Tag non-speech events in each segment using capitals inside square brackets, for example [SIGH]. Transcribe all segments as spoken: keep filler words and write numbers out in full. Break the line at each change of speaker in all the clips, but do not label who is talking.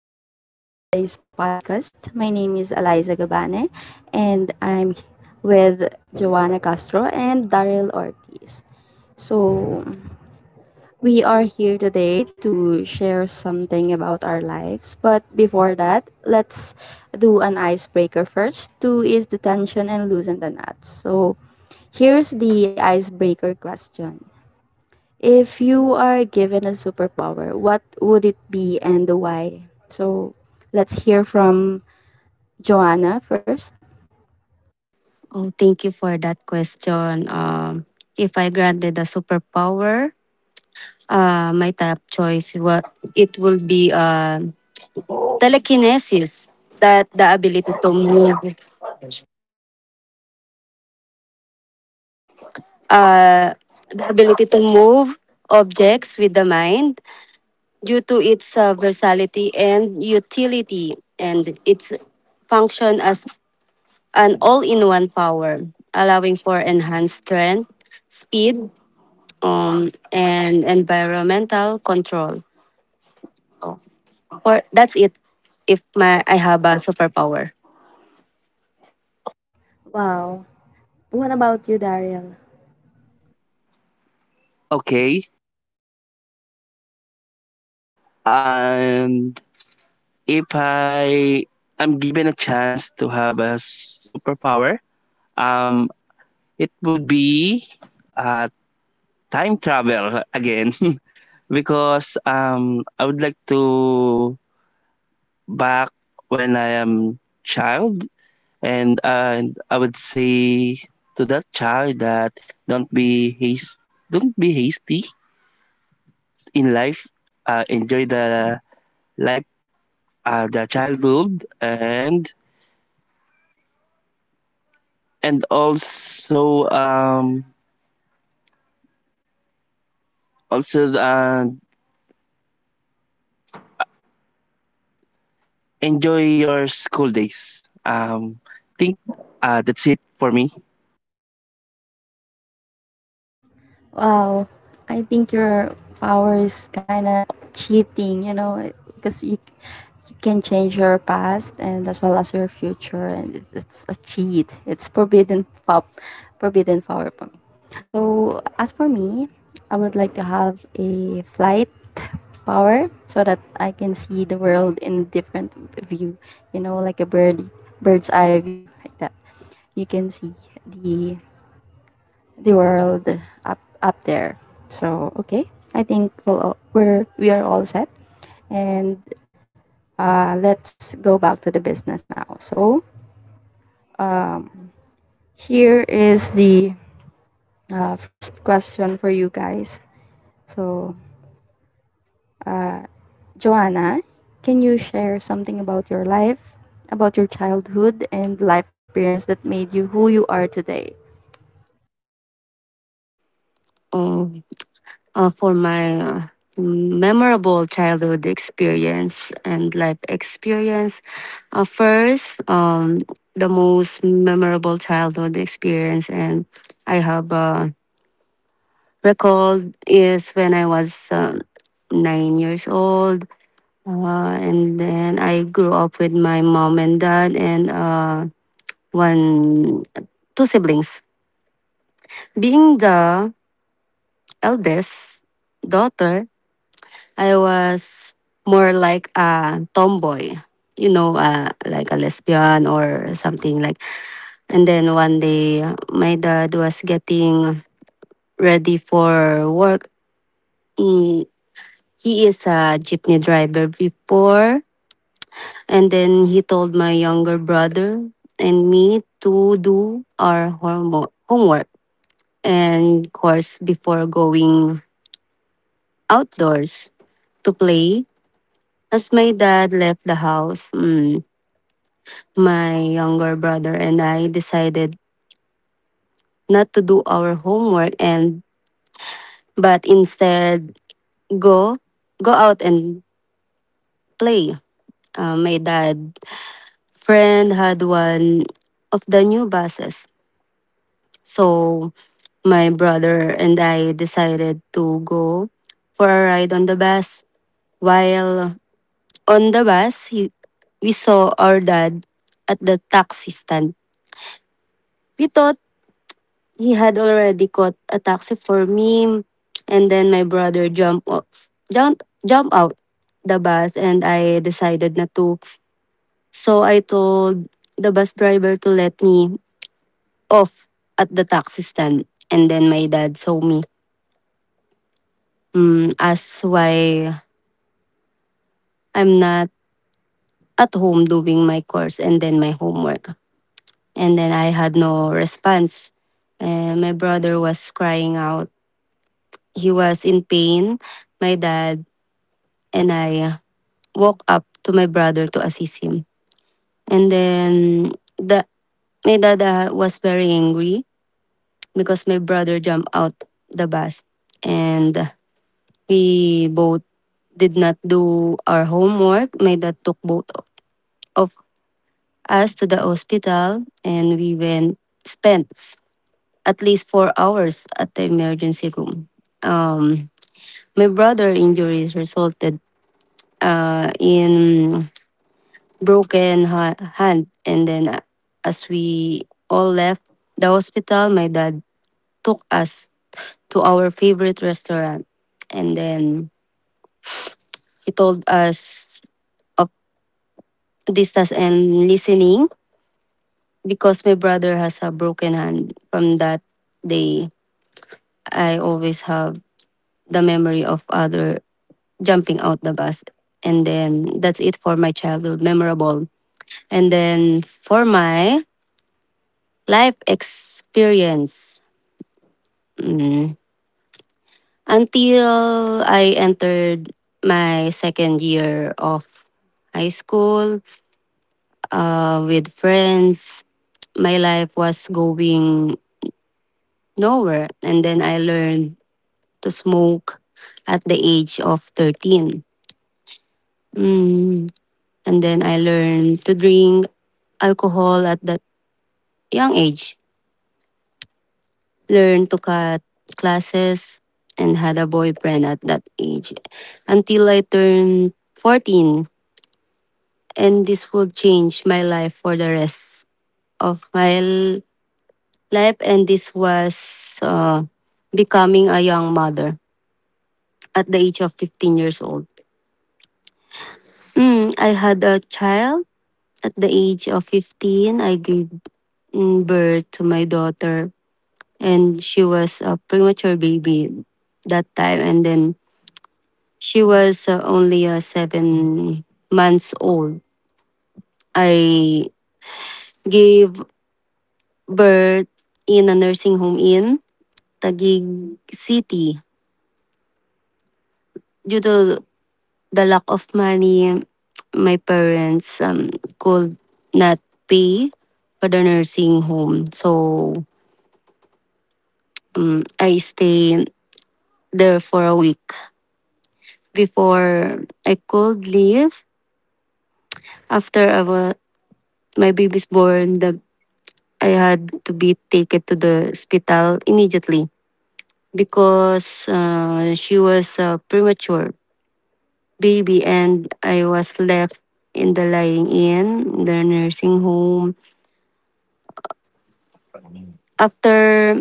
host for today's podcast. My name is Eliza Gabane and I'm with Joanna Castro and Daryl Ortiz. So, we are here today to share something about our lives. But before that, let's do an icebreaker first to ease the tension and loosen the knots. So, here's the icebreaker question. If you are given a superpower, what would it be and why? So let's hear from Joanna first.
Oh, thank you for that question. Um, if I granted a superpower, uh, my top choice wa- it will be uh, telekinesis. That the ability to move, uh, the ability to move objects with the mind due to its uh, versatility and utility, and its function as an all-in-one power, allowing for enhanced strength, speed, um, and environmental control. Or that's it. If my I have a superpower.
Wow. What about you, Daryl?
Okay. And If I am given a chance to have a superpower, um, it would be uh, time travel again [LAUGHS] because um, I would like to back when I am child and uh, and I would say to that child that don't be haste, don't be hasty in life. Uh, enjoy the life, uh, the childhood, and and also um also uh, enjoy your school days. Um, think uh, That's it for me.
Wow, I think your power is kind of cheating, you know, because you you can change your past and as well as your future, and it's, it's a cheat. It's forbidden pop, forbidden power for me. So as for me, I would like to have a flight power so that I can see the world in a different view, you know, like a bird bird's eye view like that. You can see the the world up up there. So okay, I think we'll, all- we're we are all set, and uh, let's go back to the business now. So um, here is the uh, first question for you guys. So uh, Joanna, can you share something about your life, about your childhood and life experience that made you who you are today?
Um, uh, for my uh, memorable childhood experience and life experience, uh, first, um, the most memorable childhood experience, and I have uh, recalled is when I was uh, nine years old. Uh, and then I grew up with my mom and dad, and uh, one two siblings. Being the eldest daughter, I was more like a tomboy, you know, uh, like a lesbian or something like. And then one day, my dad was getting ready for work. Mm, he is a jeepney driver before, and then he told my younger brother and me to do our homo- homework. And of course before going outdoors to play. As my dad left the house, mm, my younger brother and I decided not to do our homework and but instead go go out and play. Uh, my dad friend had one of the new buses. So my brother and I decided to go for a ride on the bus while on the bus, he, we saw our dad at the taxi stand. We thought he had already caught a taxi for me, and then my brother jumped off, jumped jump out the bus, and I decided not to. So I told the bus driver to let me off at the taxi stand, and then my dad saw me. Mm, asked why I'm not at home doing my course and then my homework. And then I had no response. And my brother was crying out. He was in pain. My dad and I walked up to my brother to assist him. And then the my dad uh, was very angry because my brother jumped out the bus and we both did not do our homework. My dad took both of us to the hospital and we went spent at least four hours at the emergency room. Um, my brother injuries resulted uh, in broken ha- hand, and then uh, as we all left the hospital, my dad took us to our favorite restaurant, and then he told us of distance and listening because my brother has a broken hand. From that day, I always have the memory of other jumping out the bus. And then that's it for my childhood memorable. And then for my life experience, mm, until I entered my second year of high school uh, with friends, my life was going nowhere. And then I learned to smoke at the age of thirteen. Mm. And then I learned to drink alcohol at that young age. Learned to cut classes and had a boyfriend at that age until I turned fourteen. And this will change my life for the rest of my l- life. And this was uh, becoming a young mother at the age of fifteen years old. Mm, I had a child at the age of fifteen. I gave mm, birth to my daughter, and she was a premature baby that time. And then she was uh, only uh, seven months old. I gave birth in a nursing home in Taguig City. Due to the lack of money, my parents um, could not pay for the nursing home. So I stayed there for a week before I could leave. After I was, my baby's born, the I had to be taken to the hospital immediately because uh, she was a premature baby and I was left in the lying in, the nursing home. After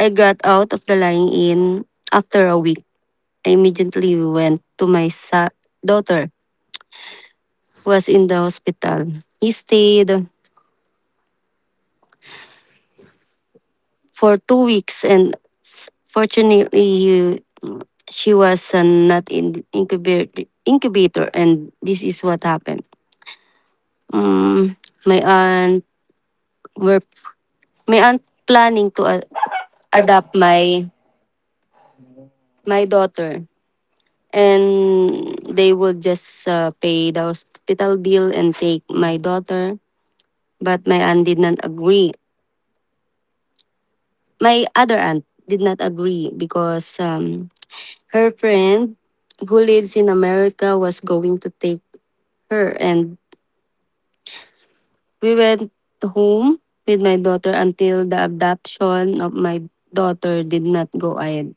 I got out of the lying in, after a week, I immediately went to my sa- daughter who was in the hospital. He stayed for two weeks and fortunately he she was uh, not in the incubator incubator and this is what happened. um, my aunt were my aunt planning to uh, adopt my my daughter and they would just uh, pay the hospital bill and take my daughter, but my aunt did not agree, my other aunt did not agree because um, her friend who lives in america was going to take her. And we went home with my daughter until the adoption of my daughter did not go ahead.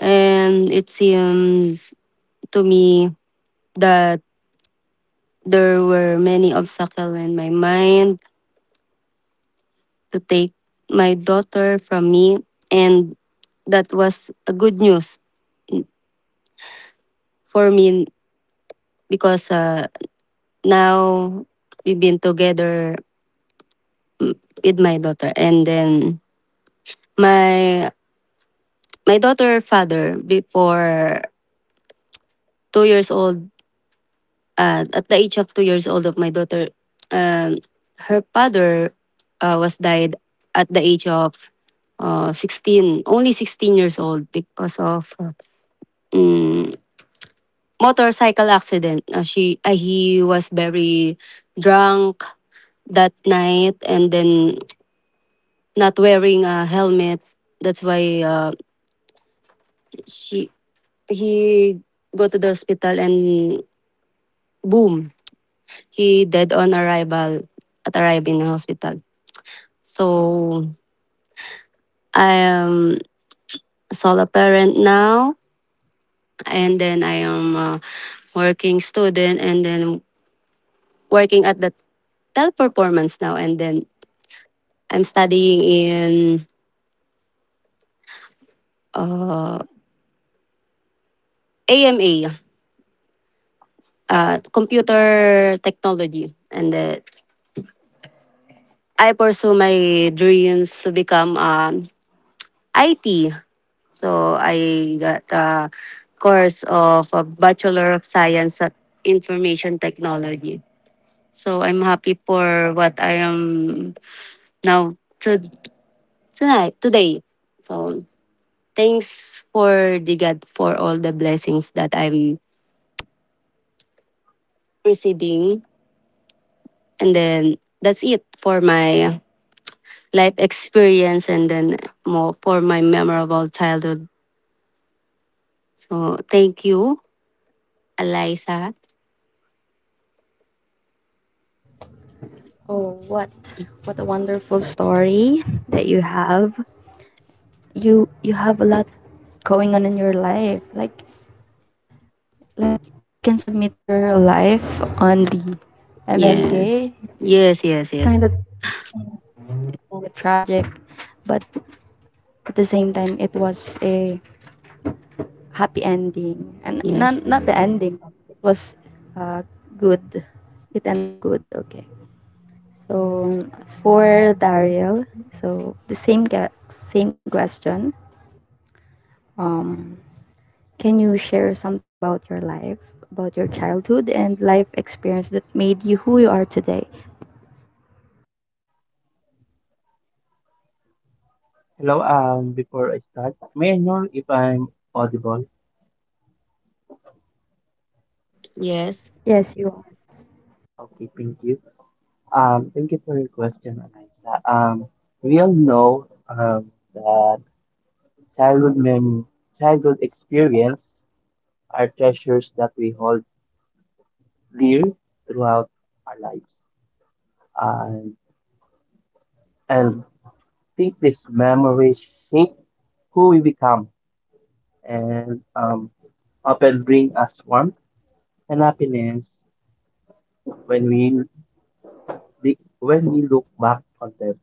And it seems to me that there were many obstacles in my mind to take my daughter from me. And that was a good news for me because uh, now we've been together with my daughter. And then my my daughter father before two years old uh, at the age of two years old of my daughter, um, her father uh, was died at the age of uh, sixteen, only sixteen years old because of uh, motorcycle accident. Uh, she uh, he was very drunk that night and then not wearing a helmet. That's why uh, she he go to the hospital and boom, he dead on arrival at arriving in the hospital. So I am a solo parent now, and then I am a working student, and then working at the teleperformance now, and then I'm studying in AMA, uh, computer technology, and then I pursue my dreams to become um, I T. So I got a course of a Bachelor of Science at Information Technology. So I'm happy for what I am now to tonight today. So thanks for the god for all the blessings that I'm receiving and then that's it for my life experience and then more for my memorable childhood. So thank you, Eliza.
Oh, what what a wonderful story that you have. you you have a lot going on in your life. Like like you can submit your life on the
Yes.
M M K.
yes yes
Kind
yes
of tragic, but at the same time it was a happy ending. And not
yes
not the ending. It was uh, good. It ended up good. Okay. So for Daryl, so the same ca- same question. Um, Can you share something about your life, about your childhood and life experience that made you who you are today?
Hello, um, before I start, may I know if I'm audible?
yes
Yes, you are.
Okay, thank you. Um, thank you for your question, Anaisa. Um, we all know um, that childhood mem childhood experience are treasures that we hold dear throughout our lives. And and I think this memories shape who we become and, um, of warmth and happiness when we the- when we look back on them.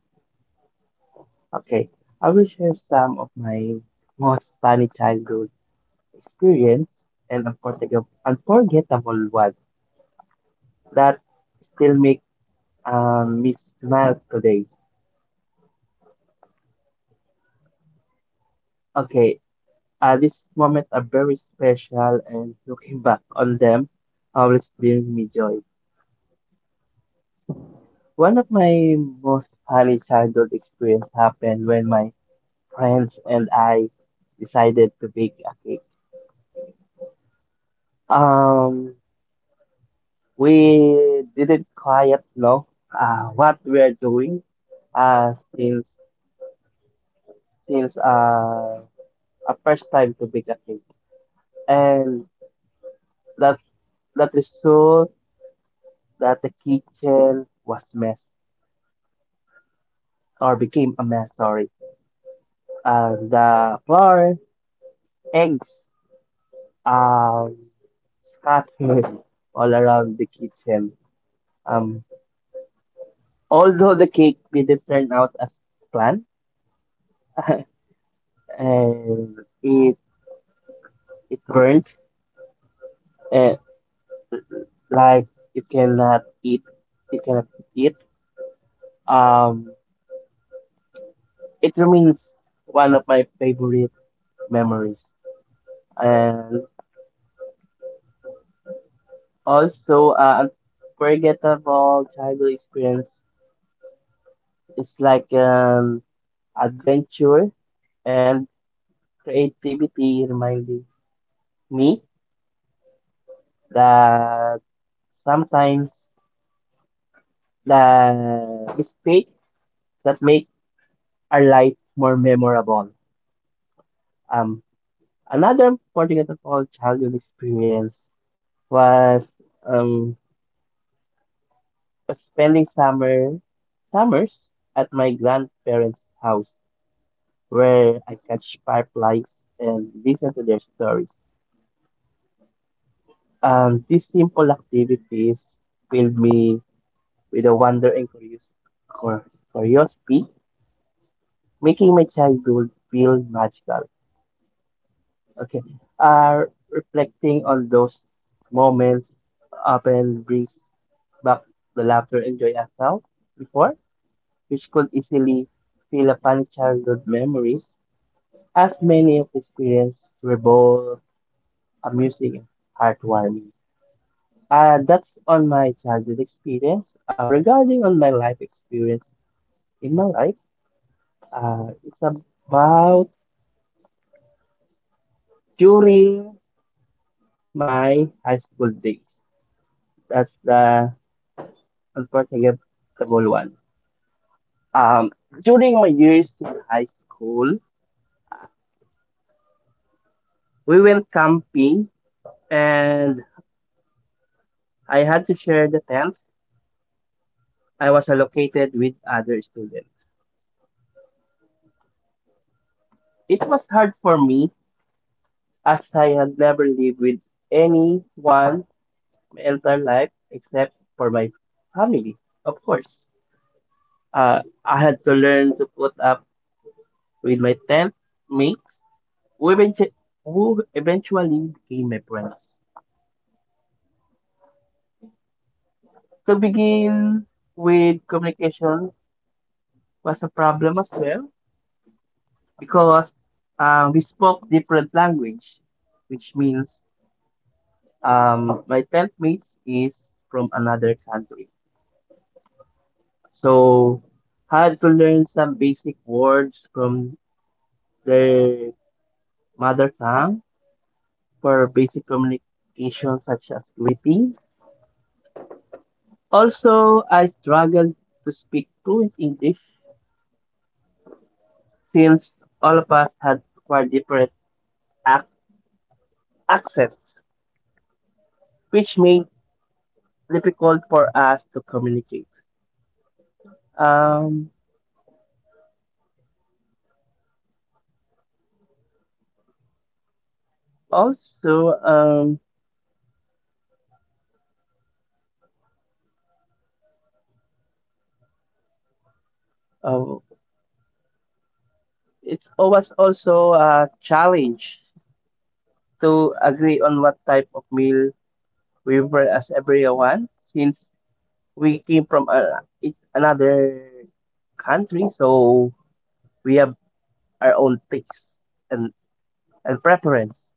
Okay, I will some of my most funny childhood experience and unforgettable, unforgettable one that still make um, me smile today. Okay, uh, these moments are very special and looking back on them always brings me joy. One of my most funny childhood experience happened when my friends and I decided to bake a cake. Um, we didn't quite know uh, what we are doing uh, since since uh, a first time to bake a cake, and that that result that the kitchen was mess or became a mess. Sorry, uh, the flour, eggs, um, scattered all around the kitchen. Um, Although the cake didn't turn out as planned, [LAUGHS] and it it burnt, uh, like you cannot eat you cannot eat it. um it remains one of my favorite memories and also, uh, unforgettable childhood experience. It's like an adventure and creativity reminding me that sometimes the mistake that make our life more memorable. um Another forgettable childhood experience was, um, spending summer summers at my grandparents' house, where I catch fireflies and listen to their stories. Um, these simple activities filled me with a wonder and curios- cur- curiosity, making my childhood feel magical. Okay. Uh, Reflecting on those moments often brings back the laughter and joy I felt before, which could easily feel upon childhood memories, as many of the experiences were both amusing and heartwarming. Uh, that's on my childhood experience. Um, regarding on my life experience in my life, uh, it's about during my high school days. That's the. Don't forget the unforgettable one. Um, During my years in high school, we went camping and I had to share the tent. I was allocated with other students. It was hard for me as I had never lived with anyone my entire life except for my family, of course. Uh, I had to learn to put up with my tent mates who eventu- who eventually became my friends. To begin with, communication was a problem as well because, um, we spoke different language, which means um, my tent mates is from another country. So had to learn some basic words from their mother tongue for basic communication such as greetings. Also, I struggled to speak fluent English since all of us had quite different ac- accents, which made difficult for us to communicate. Um, also, um, oh, it was also a challenge to agree on what type of meal we were as everyone, since we came from a, it- another country, so we have our own tastes and, and preference.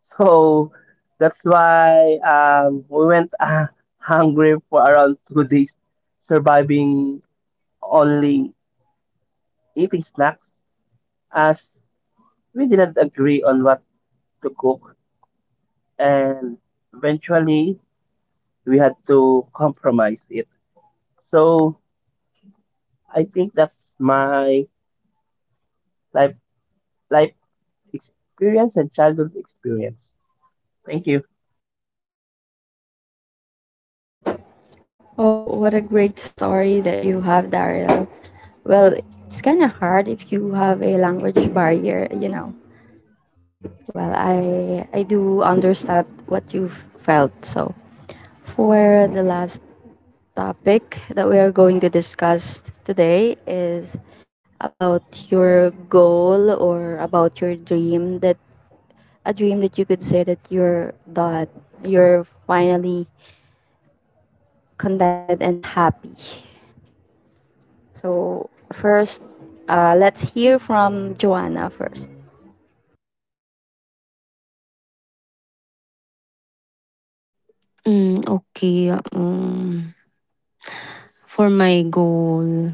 So that's why, um, we went uh, hungry for around two days, surviving only eating snacks as we didn't agree on what to cook, and eventually we had to compromise it. So I think that's my life life experience and childhood experience. Thank you.
Oh, what a great story that you have, Daryl. Well, it's kind of hard if you have a language barrier, you know. Well, I I do understand what you felt. So, for the last topic that we are going to discuss today is about your goal or about your dream that a dream that you could say that you're that you're finally contented and happy. So first, uh, let's hear from Joanna first.
mm, Okay. Um for my goal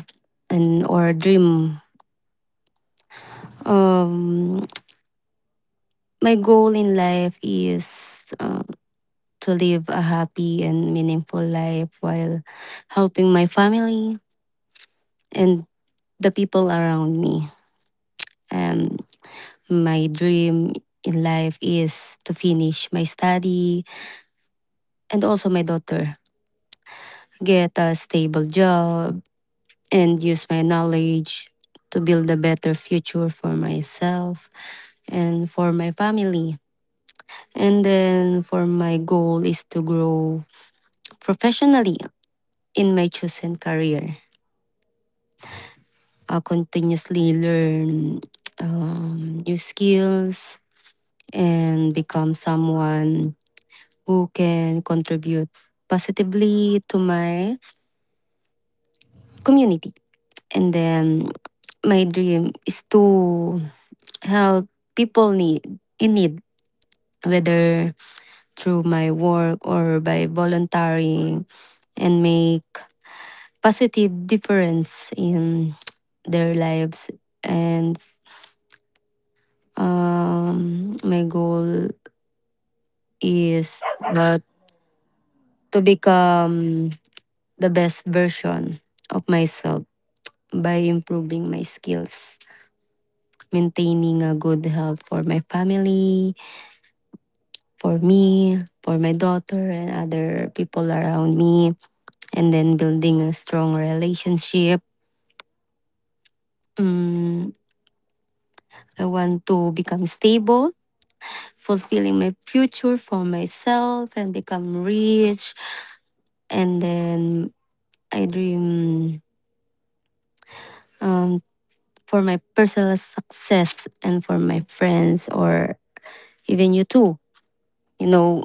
and or dream, um my goal in life is uh, to live a happy and meaningful life while helping my family and the people around me. Um, my dream in life is to finish my study and also my daughter get a stable job and use my knowledge to build a better future for myself and for my family. And then for my goal is to grow professionally in my chosen career. I continuously learn um, new skills and become someone who can contribute positively to my community. And then my dream is to help people need in need, whether through my work or by volunteering and make positive difference in their lives. And Um, my goal is uh, to become the best version of myself by improving my skills, maintaining a good health for my family, for me, for my daughter, and other people around me, and then building a strong relationship. Mm, I want to become stable, fulfilling my future for myself, and become rich. And then I dream um, for my personal success and for my friends or even you too. You know,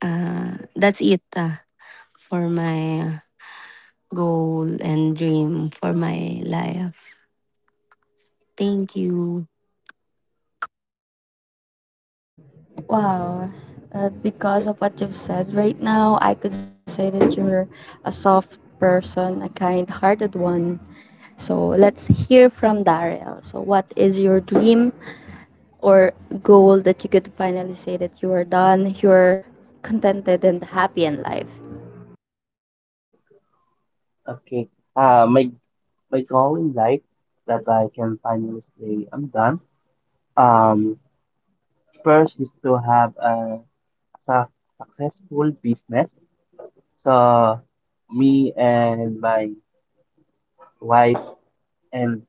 uh, that's it uh, for my goal and dream for my life. Thank you.
Wow, uh, because of what you've said right now, I could say that you're a soft person, a kind-hearted one. So let's hear from Daryl. So what is your dream or goal that you could finally say that you are done, you're contented and happy in life?
Okay. Uh my my goal in life that I can finally say I'm done. Um First is to have a su- successful business. So me and my wife and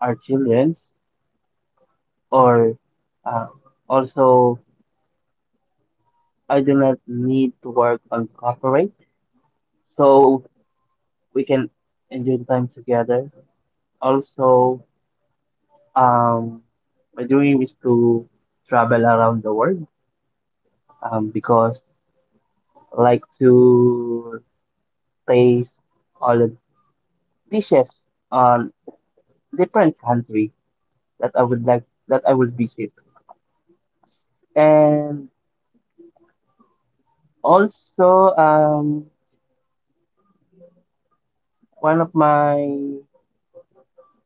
our children's, or, uh, also I do not need to work on corporate, so we can enjoy the time together. Also, um, my dream is to travel around the world, um, because I like to taste all the dishes on different country that I would like that I will visit. And also, um, one of my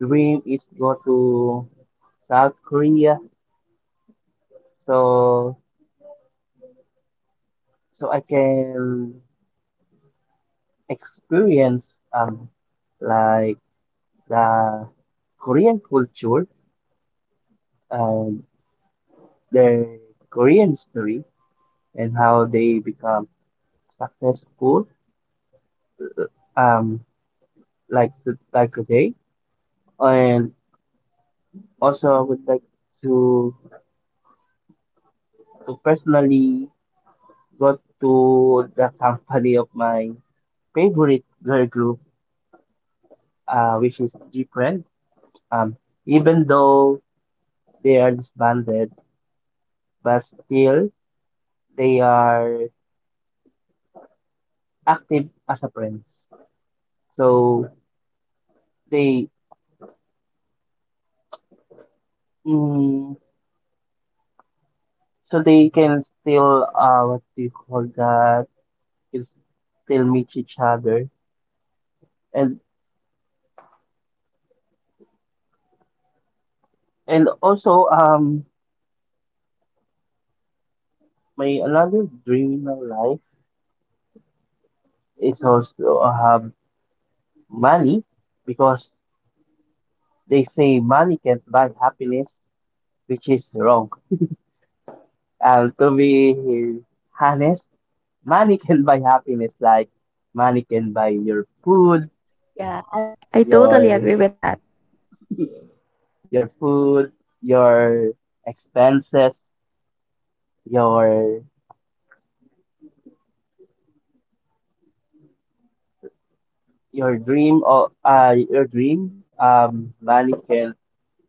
dream is go to South Korea, so so I can experience um like the Korean culture and their Korean history and how they become successful, um like to, like today. And also I would like to to personally go to the company of my favorite girl group, uh, which is G. Um, Even though they are disbanded, but still they are active as a friends. So they, mm, so they can still, uh what do you call that? Can still meet each other. And and also um my another dream in my life is also, uh, have money because they say money can't buy happiness, which is wrong. And to be honest, money can buy happiness like money can buy your food,
Yeah, I, I totally
your
agree with that.
your food, your expenses, your your dream or uh your dream. Um money can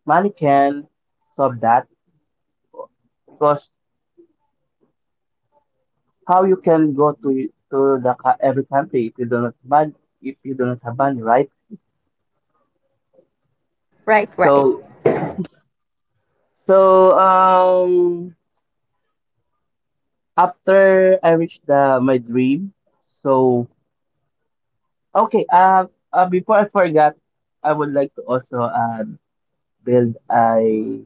money can solve that because how you can go to to the co- every country if you do not ban if you do not have money, right?
Right, right.
So so um after I reached the my dream. So okay, uh, uh before I forgot, I would like to also, uh, build a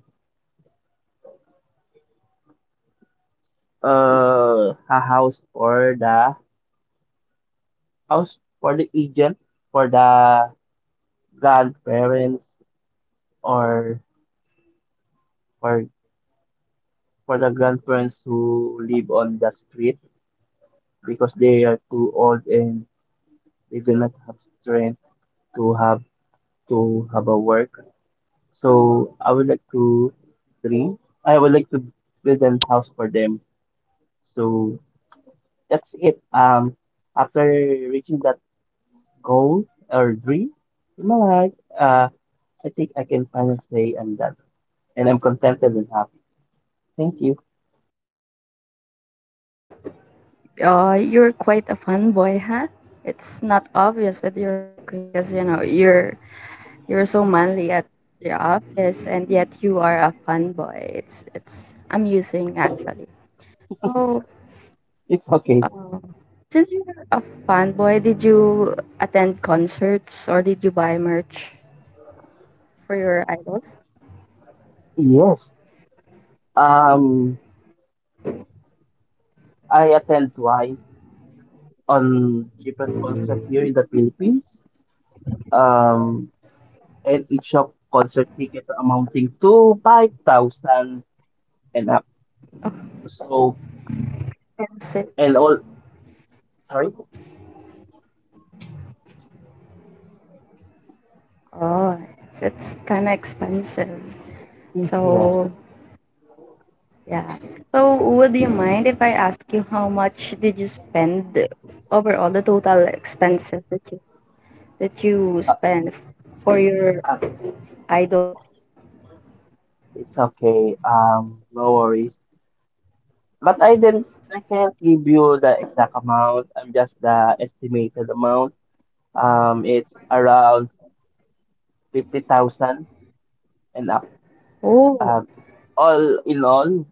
uh a house for the house for the agent for the grandparents or for for the grandparents who live on the street because they are too old and they do not have strength to have to have a work. So I would like to three. I would like to build a house for them. So that's it. Um, after reaching that goal or dream in my life, uh, I think I can finally say I'm done and I'm contented and happy. Thank you.
Uh, you're quite a fanboy, huh? It's not obvious with your look because you know you're you're so manly at your office, and yet you are a fanboy. It's it's amusing actually. So,
It's
uh,
okay.
since you're a fanboy, did you attend concerts or did you buy merch for your idols?
Yes. Um, I attend twice on different concert here in the Philippines. Um, and each of concert ticket amounting to five thousand and up. So.
Expensive.
And all, sorry?
Oh, it's, it's kind of expensive.
Yes.
So yeah. So, would you mind if I ask you how much did you spend overall, the total expenses that you that you spend for your
Ah,
idol?
it's okay. Um, no worries. But I didn't, I can't give you the exact amount. I'm just the estimated amount. Um, it's around fifty thousand and up.
Oh,
Uh, all in all,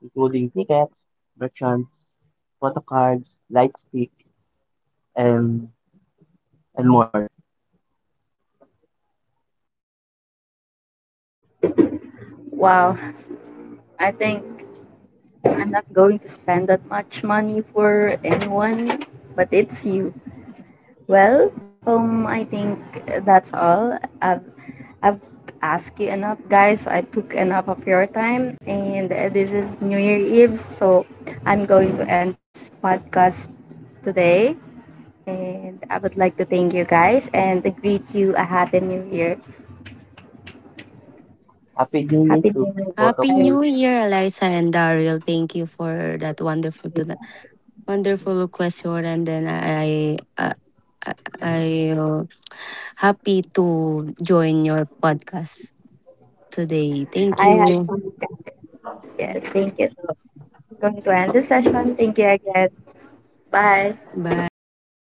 including tickets, merchants, photo cards, light stick, and and more.
wow. I think I'm not going to spend that much money for anyone, but it's you. Well, um, I think that's all. I've I've asked you enough, guys. I took enough of your time, and uh, this is New Year Eve, so I'm going to end this podcast today. And I would like to thank you guys and greet you a happy New Year.
Happy New Year
Happy
to
New Year,
both of
Happy
guys.
you.
New Year, Eliza and Daryl. Thank you for that wonderful, to the wonderful question. And then I, I, I uh, happy to join your podcast today. Thank
I had
you.
fun. Yes, thank you. So I'm going to end this session. Thank you again. Bye.
Bye.
Thank